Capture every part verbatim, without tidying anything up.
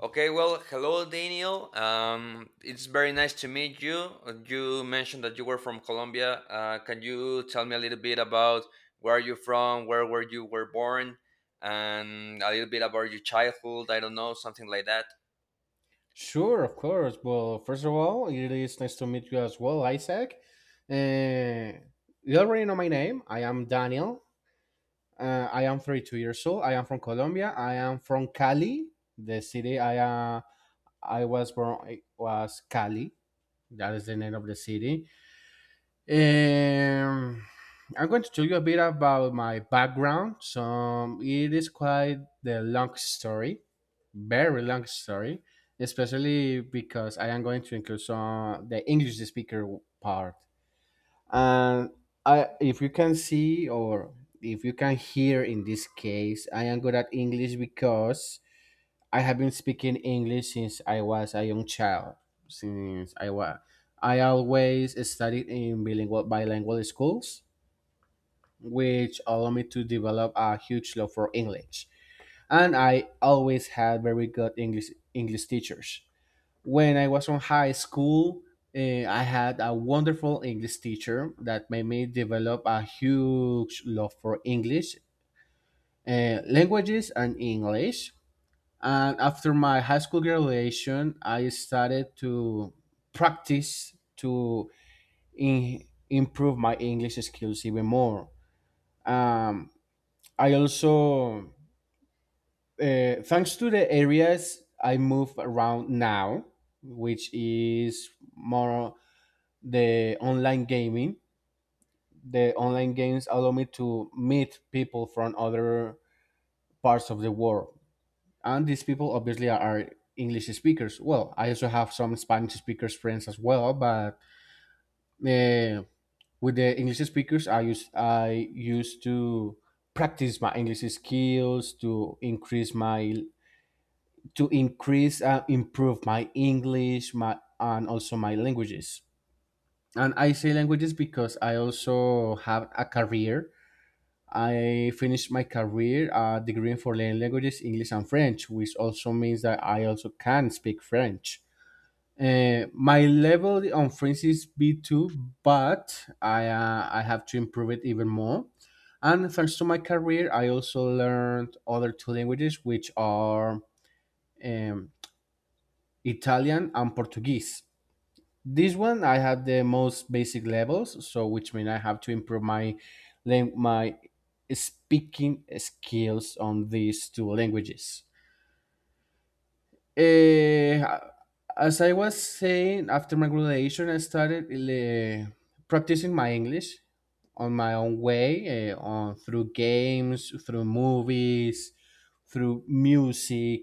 Okay, well, hello, Daniel. Um, it's very nice to meet you. Uh, You mentioned that you were from Colombia. Uh, can you tell me a little bit about where are you from, where were you were born, and a little bit about your childhood? I don't know, something like that. Sure, of course. Well, first of all, it is nice to meet you as well, Isaac. Uh, you already know my name. I am Daniel. Uh, I am thirty-two years old. I am from Colombia. I am from Cali, the city I uh, I was born. It was Cali. That is the name of the city. Um, I'm going to tell you a bit about my background. So it is quite the long story, very long story, especially because I am going to include some the English speaker part. And I, if you can see or if you can hear in this case, I am good at English because I have been speaking English since I was a young child. Since I was, I always studied in bilingual bilingual schools, which allowed me to develop a huge love for English. And I always had very good English English teachers. When I was in high school, eh, I had a wonderful English teacher that made me develop a huge love for English, eh, languages, and English. And after my high school graduation, I started to practice to in, improve my English skills even more. Um, I also, uh, thanks to the areas I move around now, which is more the online gaming. The online games allow me to meet people from other parts of the world, and these people obviously are, are English speakers. Well, I also have some Spanish speakers friends as well, but uh, with the English speakers i use I used to practice my English skills to increase my to increase and improve my English my and also my languages. And I say languages because I also have a career. I finished my career uh, degree in foreign languages, English and French, which also means that I also can speak French. Uh, my level on French is B two, but I, uh, I have to improve it even more. And thanks to my career, I also learned other two languages, which are um, Italian and Portuguese. This one I have the most basic levels, so which means I have to improve my lang- my speaking skills on these two languages. Eh, as I was saying, after my graduation, I started eh, practicing my English on my own way, eh, on through games, through movies, through music.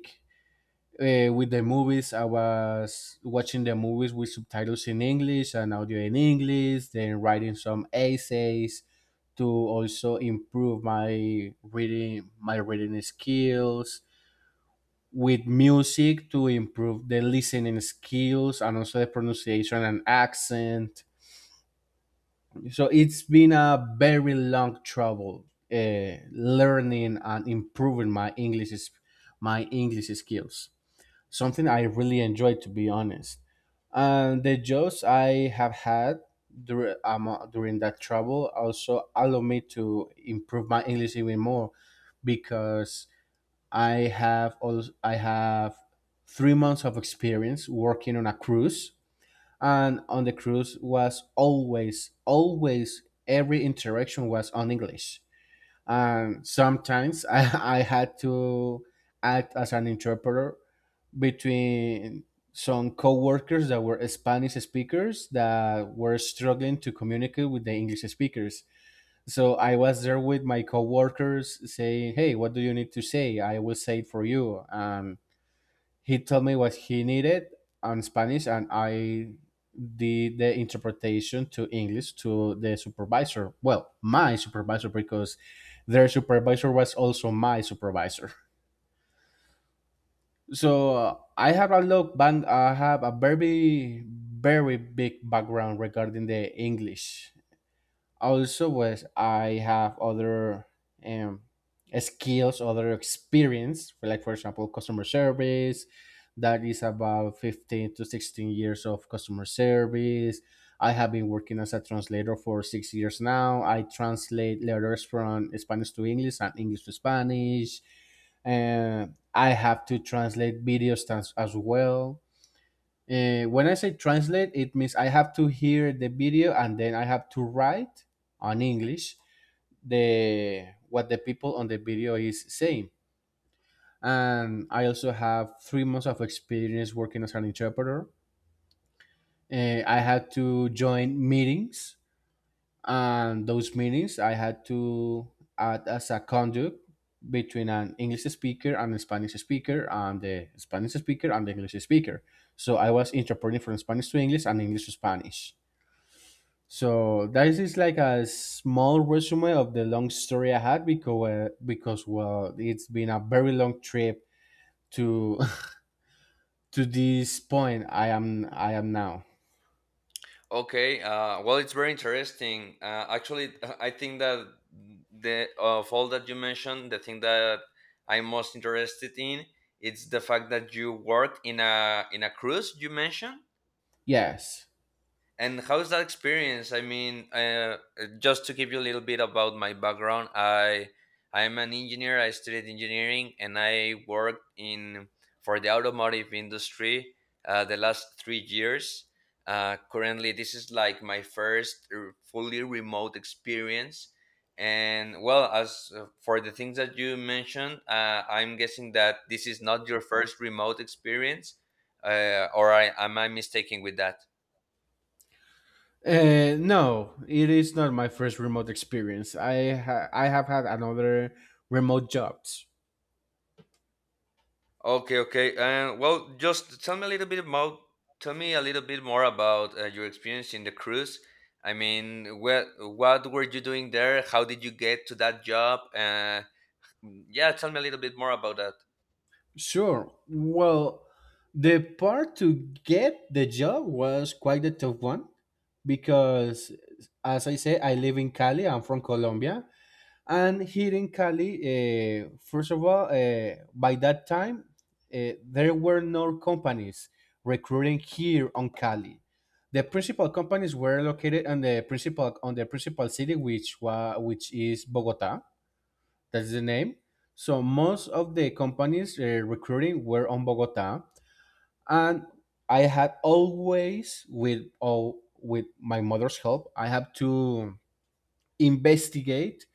Uh, with the movies, I was watching the movies with subtitles in English and audio in English, then writing some essays to also improve my reading my reading skills, with music to improve the listening skills and also the pronunciation and accent. So it's been a very long travel uh, learning and improving my english my English skills, something I really enjoy, to be honest. And the jobs I have had dur- um, uh, during that travel also allow me to improve my English even more, because I have also, I have three months of experience working on a cruise, and on the cruise was always always every interaction was on English. And sometimes I, I had to act as an interpreter between some co-workers that were Spanish speakers that were struggling to communicate with the English speakers. So I was there with my co-workers saying, "Hey, what do you need to say? I will say it for you." Um, he told me what he needed on Spanish, and I did the interpretation to English to the supervisor. Well, my supervisor, because their supervisor was also my supervisor. So uh, I have a lot, bang. I have a very, very big background regarding the English. Also was I have other um, skills, other experience, like for example customer service. That is about fifteen to sixteen years of customer service. I have been working as a translator for six years now. I translate letters from Spanish to English and English to Spanish, and I have to translate videos trans- as well. Uh, when I say translate, it means I have to hear the video and then I have to write on English the what the people on the video is saying. And I also have three months of experience working as an interpreter. Uh, I had to join meetings, and those meetings I had to act as a conduit between an English speaker and a Spanish speaker, and the Spanish speaker and the English speaker. So I was interpreting from Spanish to English and English to Spanish. So that is like a small resume of the long story I had, because because well, it's been a very long trip to to this point I am I am now. Okay. Uh, well, it's very interesting. Uh, actually, I think that the of all that you mentioned, the thing that I'm most interested in it's the fact that you worked in a in a cruise, you mentioned. Yes. And how's that experience? I mean, uh, just to give you a little bit about my background, I I'm an engineer. I studied engineering, and I worked in for the automotive industry uh, the last three years. Uh, currently, this is like my first r- fully remote experience. And well, as uh, for the things that you mentioned, uh, I'm guessing that this is not your first remote experience, uh, or I, am I mistaken with that? Uh, no, it is not my first remote experience. I ha- I have had another remote jobs. Okay, okay. And well, just tell me a little bit about tell me a little bit more about uh, your experience in the cruise. I mean, what what were you doing there? How did you get to that job? Uh, yeah, tell me a little bit more about that. Sure. Well, the part to get the job was quite a tough one because, as I say, I live in Cali. I'm from Colombia. And here in Cali, uh, first of all, uh, by that time, uh, there were no companies recruiting here on Cali. The principal companies were located on the principal on the principal city, which wa, which is Bogota. That's the name. So most of the companies uh, recruiting were on Bogota, and I had always with all with my mother's help, I had to investigate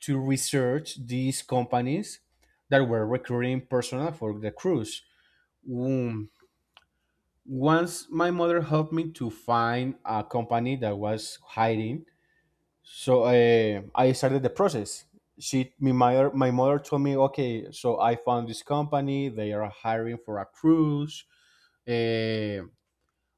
to research these companies that were recruiting personnel for the cruise. Um, Once my mother helped me to find a company that was hiring, so uh, I started the process. She, me, my, my mother told me, okay, so I found this company. They are hiring for a cruise. Uh,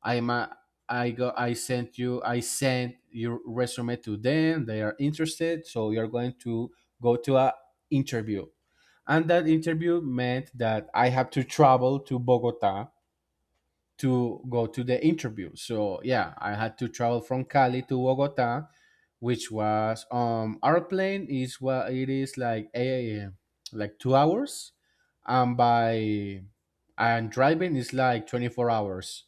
I'm a, I go. I sent you. I sent your resume to them. They are interested, so you're going to go to a interview, and that interview meant that I had to travel to Bogota to go to the interview. So yeah, I had to travel from Cali to Bogota, which was um our plane is what it is like a like two hours, and by and driving is like twenty four hours.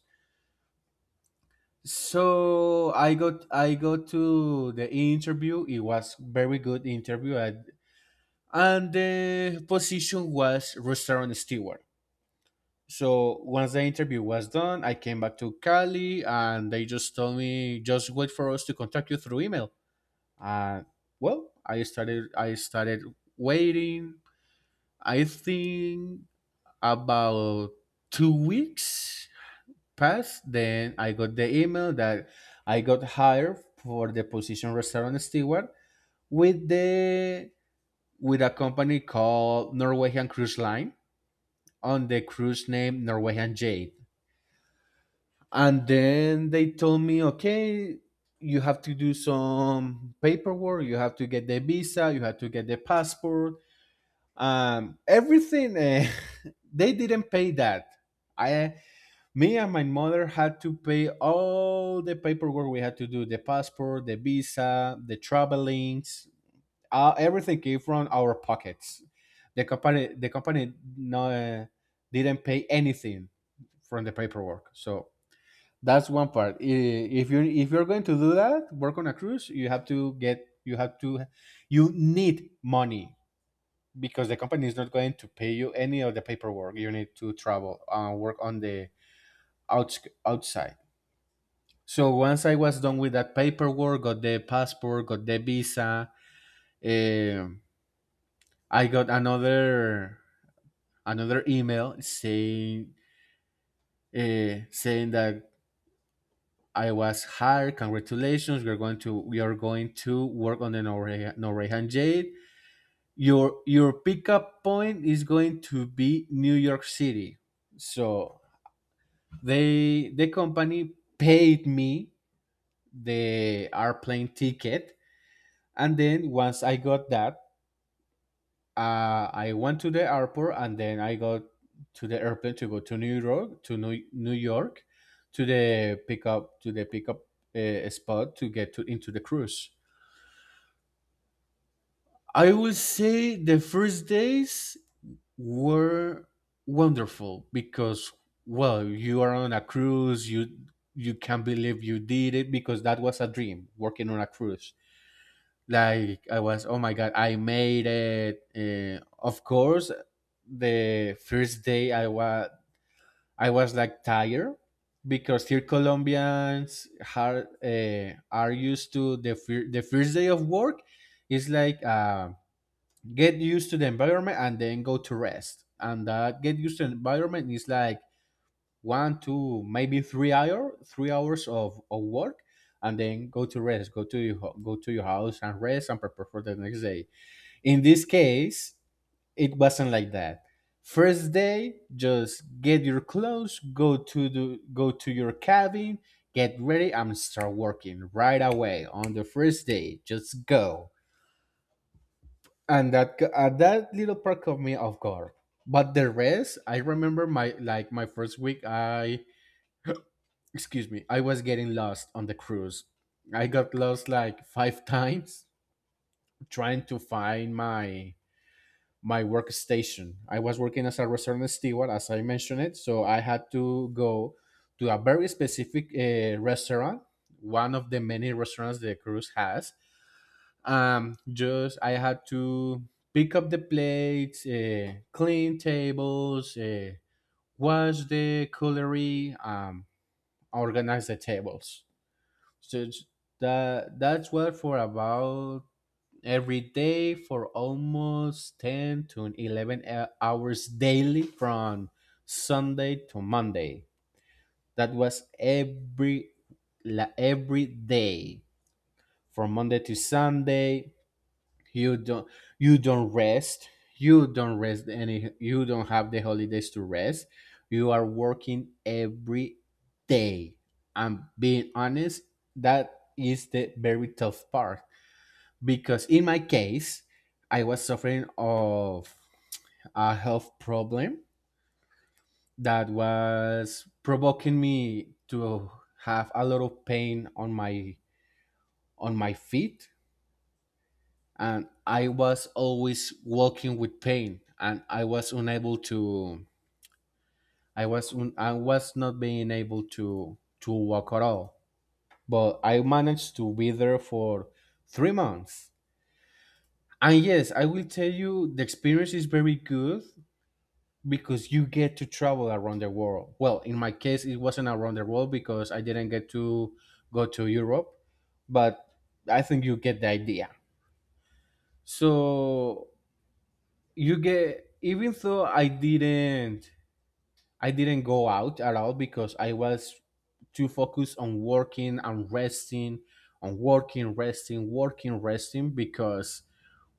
So I got I got to the interview. It was very good interview, and, and the position was restaurant steward. So once the interview was done, I came back to Cali and they just told me just wait for us to contact you through email. And well, I started I started waiting. I think about two weeks passed. Then I got the email that I got hired for the position restaurant steward with the with a company called Norwegian Cruise Line on the cruise name Norwegian Jade. And then they told me, okay, you have to do some paperwork, you have to get the visa, you have to get the passport, um, everything. Uh, they didn't pay that. I Me and my mother had to pay all the paperwork. We had to do the passport, the visa, the travelings, uh, everything came from our pockets. The company the company, no, uh, didn't pay anything from the paperwork. So that's one part. I- If you if you're going to do that, work on a cruise, you have to get you have to, you need money, because the company is not going to pay you any of the paperwork. You need to travel and work on the outs outside. So once I was done with that paperwork, got the passport, got the visa, um, I got another another email saying uh, saying that I was hired. Congratulations. We're going to we are going to work on the Norwegian, Norwegian Jade. Your your pickup point is going to be New York City. So they the company paid me the airplane ticket, and then once I got that, uh, I went to the airport, and then I got to the airplane to go to New York, to New, New York, to the pickup to the pickup uh, spot to get to into the cruise. I will say the first days were wonderful because, well, you are on a cruise, you you can't believe you did it, because that was a dream, working on a cruise. Like I was, oh my god, I made it. Uh, of course, the first day I was I was like tired, because here Colombians are uh, are used to the fir- the first day of work is like um get used to the environment and then go to rest. And that get used to the environment is like one, two, maybe three hour, three hours of, of work, and then go to rest. Go to your ho- go to your house and rest and prepare for the next day. In this case, it wasn't like that. First day, just get your clothes, go to the go to your cabin, get ready, and start working right away on the first day. Just go, and that g- uh, that little part caught me off guard. But the rest, I remember, my, like my first week, i excuse me, I was getting lost on the cruise. I got lost like five times trying to find my my workstation. I was working as a restaurant steward, as I mentioned it, so I had to go to a very specific uh, restaurant, one of the many restaurants the cruise has. Um just I had to pick up the plates, uh, clean tables, uh, wash the cutlery, um organize the tables. so it's- that that's what, for about every day, for almost ten to eleven hou- hours daily, from Sunday to Monday. That was every la- every day, from Monday to Sunday. You don't you don't rest. You don't rest any, you don't have the holidays to rest. You are working every day. I'm being honest, that is the very tough part. Because in my case, I was suffering of a health problem that was provoking me to have a lot of pain on my on my feet, and I was always walking with pain, and I was unable to. I was un, I was not being able to to walk at all. But I managed to be there for three months, and yes, I will tell you, the experience is very good because you get to travel around the world. Well, in my case, it wasn't around the world because I didn't get to go to Europe, but I think you get the idea. So you get, even though i didn't i didn't go out at all because I was too focused on working and resting, on working, resting, working, resting, because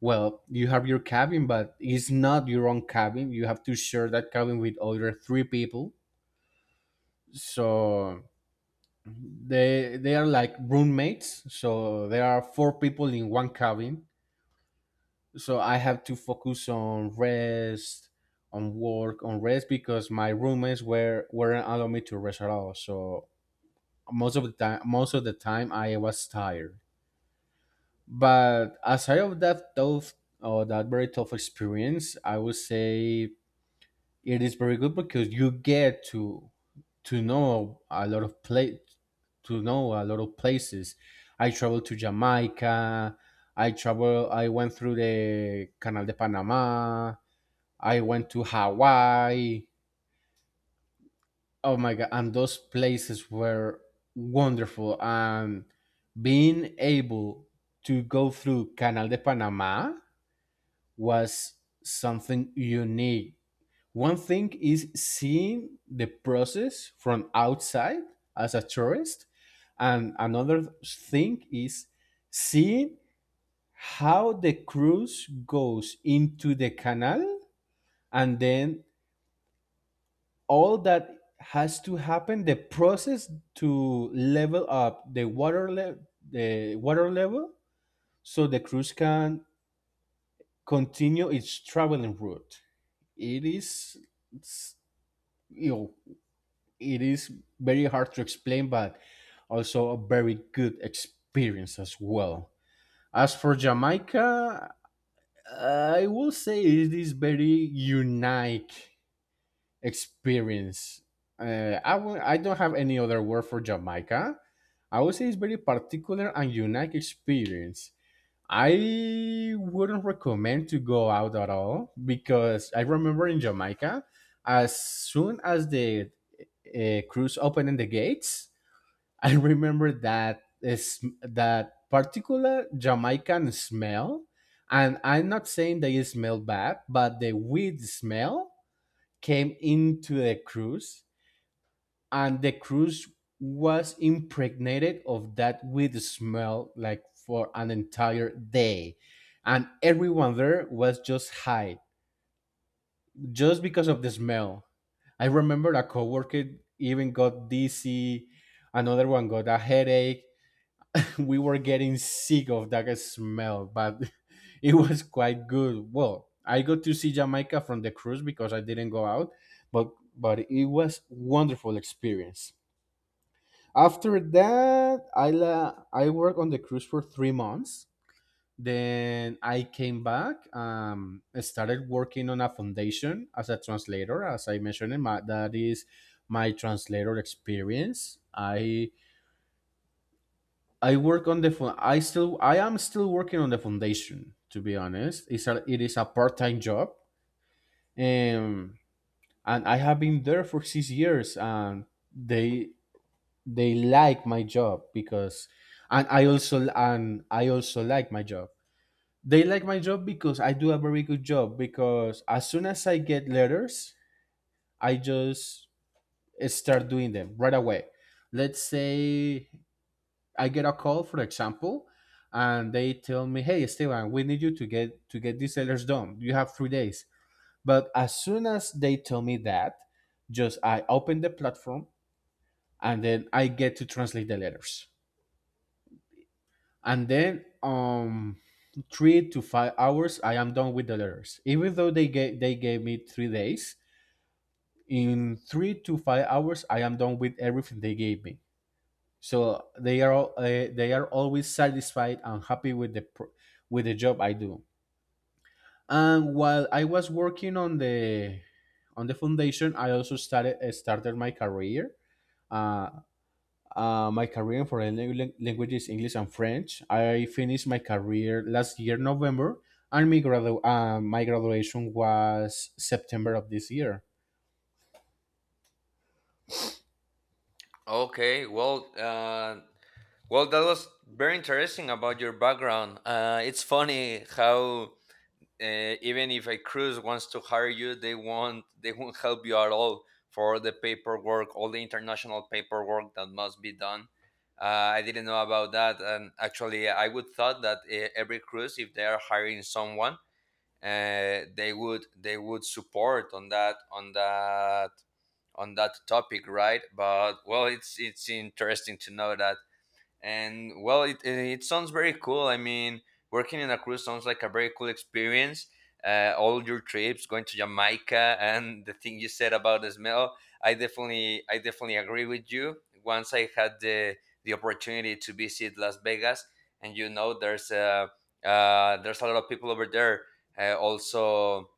well, you have your cabin, but it's not your own cabin. You have to share that cabin with other three people. So they they are like roommates, so there are four people in one cabin. So I have to focus on rest, on work, on rest, because my roommates were weren't allowing me to rest at all. So most of the time, most of the time, I was tired. But aside of that tough or that very tough experience, I would say it is very good because you get to to know a lot of place to know a lot of places. I traveled to Jamaica. I travel. I went through the Canal de Panama. I went to Hawaii. Oh my god, and those places were wonderful. And being able to go through Canal de Panama was something unique. One thing is seeing the process from outside as a tourist, and another thing is seeing how the cruise goes into the canal, and then all that has to happen, the process to level up the water le- the water level so the cruise can continue its traveling route. It is it's, you know it is very hard to explain, but also a very good experience as well. As for Jamaica, I will say it is very unique experience. Uh, I w- I don't have any other word for Jamaica. I would say it's very particular and unique experience. I wouldn't recommend to go out at all, because I remember in Jamaica, as soon as the uh, cruise opened the gates, I remember that is that particular Jamaican smell, and I'm not saying they smell bad, but the weed smell came into the cruise, and the cruise was impregnated of that weed smell, like for an entire day, and everyone there was just high just because of the smell. I remember a coworker even got dizzy, another one got a headache. We were getting sick of that smell, but it was quite good. Well, I got to see Jamaica from the cruise because I didn't go out, but but it was wonderful experience. After that, I la- I worked on the cruise for three months. Then I came back. Um, I started working on a foundation as a translator. As I mentioned, my, that is my translator experience. I I work on the phone. I still, I am still working on the foundation. To be honest, it's a, it is a part-time job, um, and I have been there for six years, and they they like my job because, and I also and I also like my job. They like my job because I do a very good job. Because as soon as I get letters, I just start doing them right away. Let's say I get a call, for example, and they tell me, "Hey, Esteban, we need you to get to get these sellers done. You have three days." But as soon as they tell me that, just I open the platform, and then I get to translate the letters, and then um three to five hours I am done with the letters. Even though they gave they gave me three days, in three to five hours I am done with everything they gave me. So they are all, uh, they are always satisfied and happy with the pr- with the job I do. And while I was working on the on the foundation, I also started uh, started my career. Uh, uh, my career for foreign lang- languages, English and French. I finished my career last year November, and my gradu- uh, my graduation was September of this year. Okay, well, uh, well, that was very interesting about your background. Uh, it's funny how uh, even if a cruise wants to hire you, they won't they won't help you at all for the paperwork, all the international paperwork that must be done. Uh, I didn't know about that, and actually, I would thought that uh, every cruise, if they are hiring someone, uh, they would they would support on that on that on that topic, right? But well, it's it's interesting to know that. And well, it, it, it sounds very cool. I mean, working in a cruise sounds like a very cool experience. Uh, all your trips, going to Jamaica, and the thing you said about the smell, i definitely I definitely agree with you. Once I had the the opportunity to visit Las Vegas, and you know, there's a uh, there's a lot of people over there. Uh, also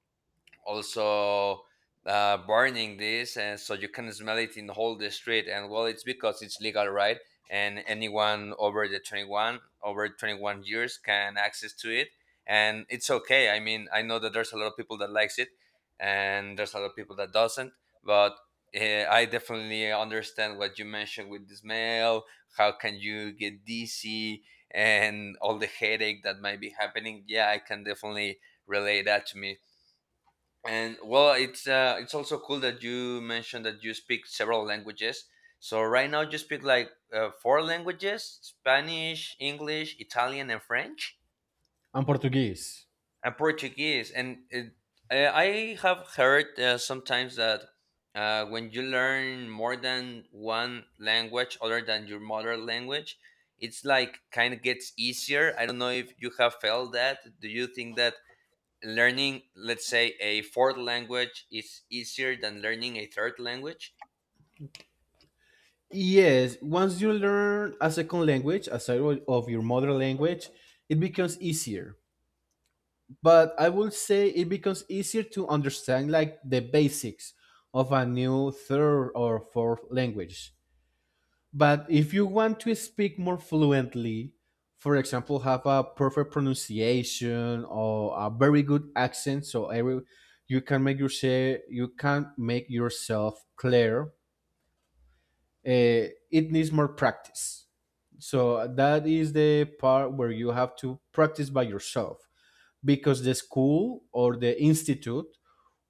also uh, Burning this, and so you can smell it in the whole the street. And well, it's because it's legal, right? And anyone over the twenty-one over twenty-one years can access to it. And it's okay. I mean, I know that there's a lot of people that likes it, and there's a lot of people that doesn't. But uh, I definitely understand what you mentioned with the smell, how can you get dizzy and all the headache that might be happening. Yeah, I can definitely relay that to me. And well, it's uh, it's also cool that you mentioned that you speak several languages. So right now you speak like uh, four languages: Spanish, English, Italian, and French, And Portuguese. and Portuguese. And it, I I have heard uh, sometimes that uh, when you learn more than one language other than your mother language, it's like kind of gets easier. I don't know if you have felt that. Do you think that learning, let's say, a fourth language is easier than learning a third language? Yes, once you learn a second language aside of of your mother language, it becomes easier. But I would say it becomes easier to understand like the basics of a new third or fourth language. But if you want to speak more fluently, for example, have a perfect pronunciation or a very good accent, so every you can make your say you can make yourself clear, uh, it needs more practice. So that is the part where you have to practice by yourself, because the school or the institute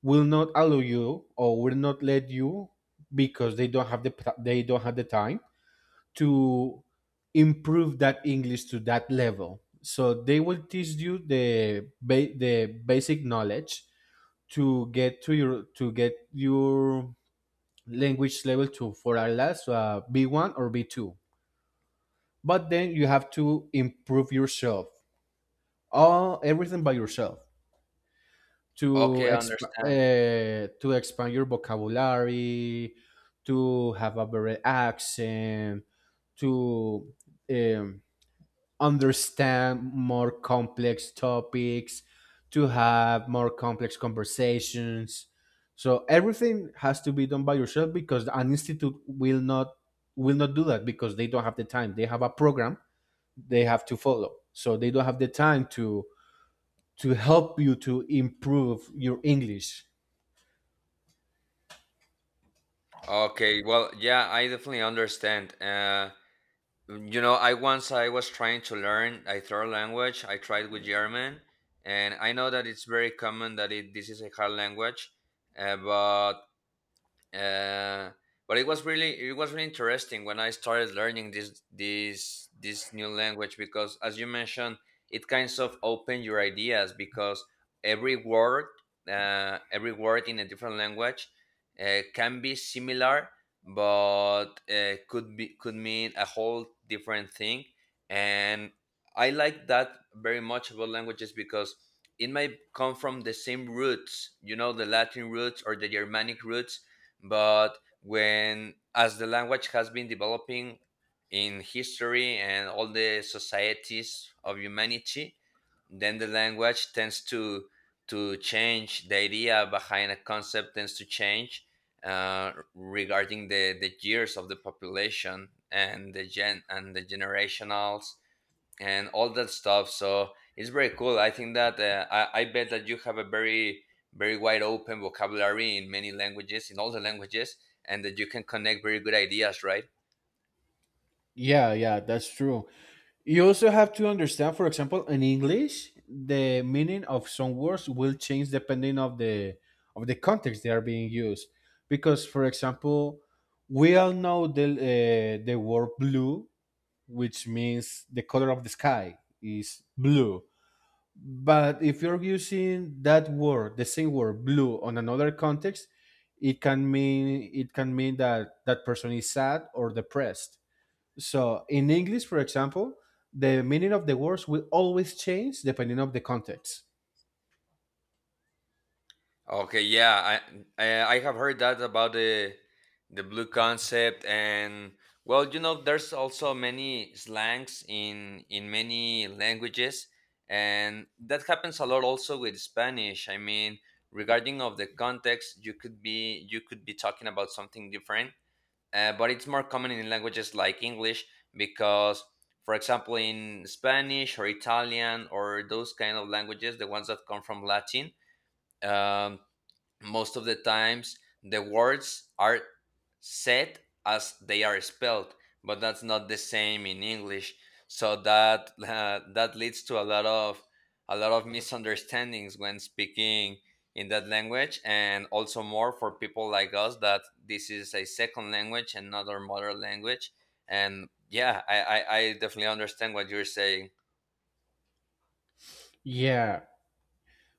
will not allow you or will not let you, because they don't have the they don't have the time to improve that English to that level. So they will teach you the ba- the basic knowledge to get to your to get your language level to for at last uh, B one or B two, but then you have to improve yourself, all everything by yourself, to Okay, I expand understand. uh, to expand your vocabulary, to have a better accent, to um, understand more complex topics, to have more complex conversations. So everything has to be done by yourself, because an institute will not will not do that, because they don't have the time, they have a program they have to follow. So they don't have the time to to help you to improve your English. Okay, well, yeah, I definitely understand. Uh, mm, you know, I once I was trying to learn a third language. I tried with German, and I know that it's very common that it, this is a hard language, uh, but uh, but it was really, it was really interesting when I started learning this this this new language. Because as you mentioned, it kinds of opened your ideas. Because every word uh, every word in a different language uh, can be similar, but uh, could be could mean a whole different thing. And I like that very much about languages, because it may come from the same roots, you know, the Latin roots or the Germanic roots, but when, as the language has been developing in history and all the societies of humanity, then the language tends to to change the idea behind a concept tends to change, uh, regarding the the years of the population and the gen and the generationals and all that stuff. So it's very cool. I think that uh, I, I bet that you have a very, very wide open vocabulary in many languages, in all the languages, and that you can connect very good ideas, right? Yeah, yeah, that's true. You also have to understand, for example, in English, the meaning of some words will change depending of the of the context they are being used. Because, for example, we all know the uh, the word blue, which means the color of the sky is blue. But if you're using that word, the same word, blue, on another context, it can mean it can mean that that person is sad or depressed. So in English, for example, the meaning of the words will always change depending of the context. Okay, yeah, I uh, I have heard that about the the blue concept. And well, you know, there's also many slangs in in many languages, and that happens a lot also with Spanish. I mean, regarding of the context, you could be you could be talking about something different, uh, but it's more common in languages like English. Because, for example, in Spanish or Italian or those kind of languages, the ones that come from Latin. Um, Most of the times the words are said as they are spelled, but that's not the same in English. So that uh, that leads to a lot of, a lot of misunderstandings when speaking in that language. And also more for people like us that this is a second language and not our mother language. And yeah, i i, I definitely understand what you're saying. Yeah.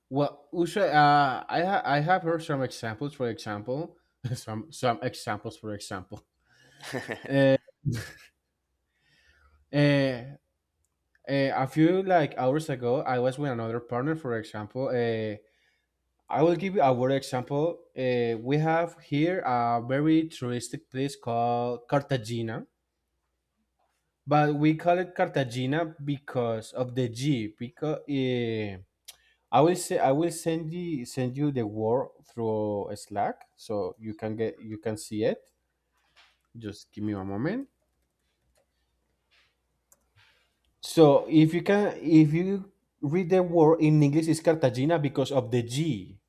Well, usually, uh, I ha- I have heard some examples. For example, some some examples. For example, uh, uh, uh, a few like hours ago, I was with another partner. For example, uh, I will give you a word example. Uh, we have here a very touristic place called Cartagena, but we call it Cartagena because of the G. Because uh, I will say I will send you send you the word through Slack, so you can get you can see it. Just give me one moment. So if you can if you read the word in English, it's Cartagena because of the G.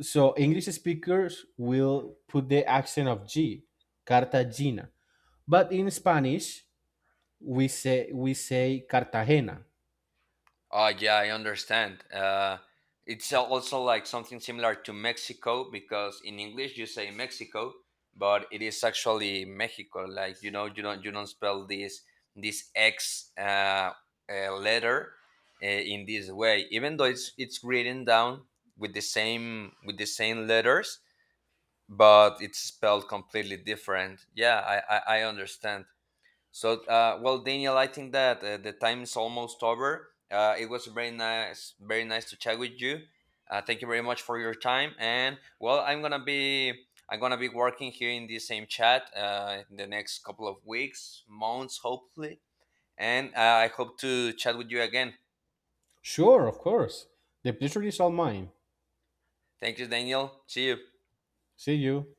So English speakers will put the accent of G. Cartagena. But in Spanish, we say we say Cartagena. Uh, yeah, I understand. Uh, it's al- also like something similar to Mexico, because in English you say Mexico, but it is actually Mexico. Like, you know, you don't you don't spell this this X uh, uh, letter uh, in this way, even though it's it's written down with the same, with the same letters, but it's spelled completely different. Yeah, I I, I understand. So, uh, well, Daniel, I think that uh, the time is almost over. Uh, it was very nice, very nice to chat with you. Uh, thank you very much for your time. And well, I'm gonna be, I'm gonna be working here in this same chat uh, in the next couple of weeks, months, hopefully. And uh, I hope to chat with you again. Sure, of course. The pleasure is all mine. Thank you, Daniel. See you. See you.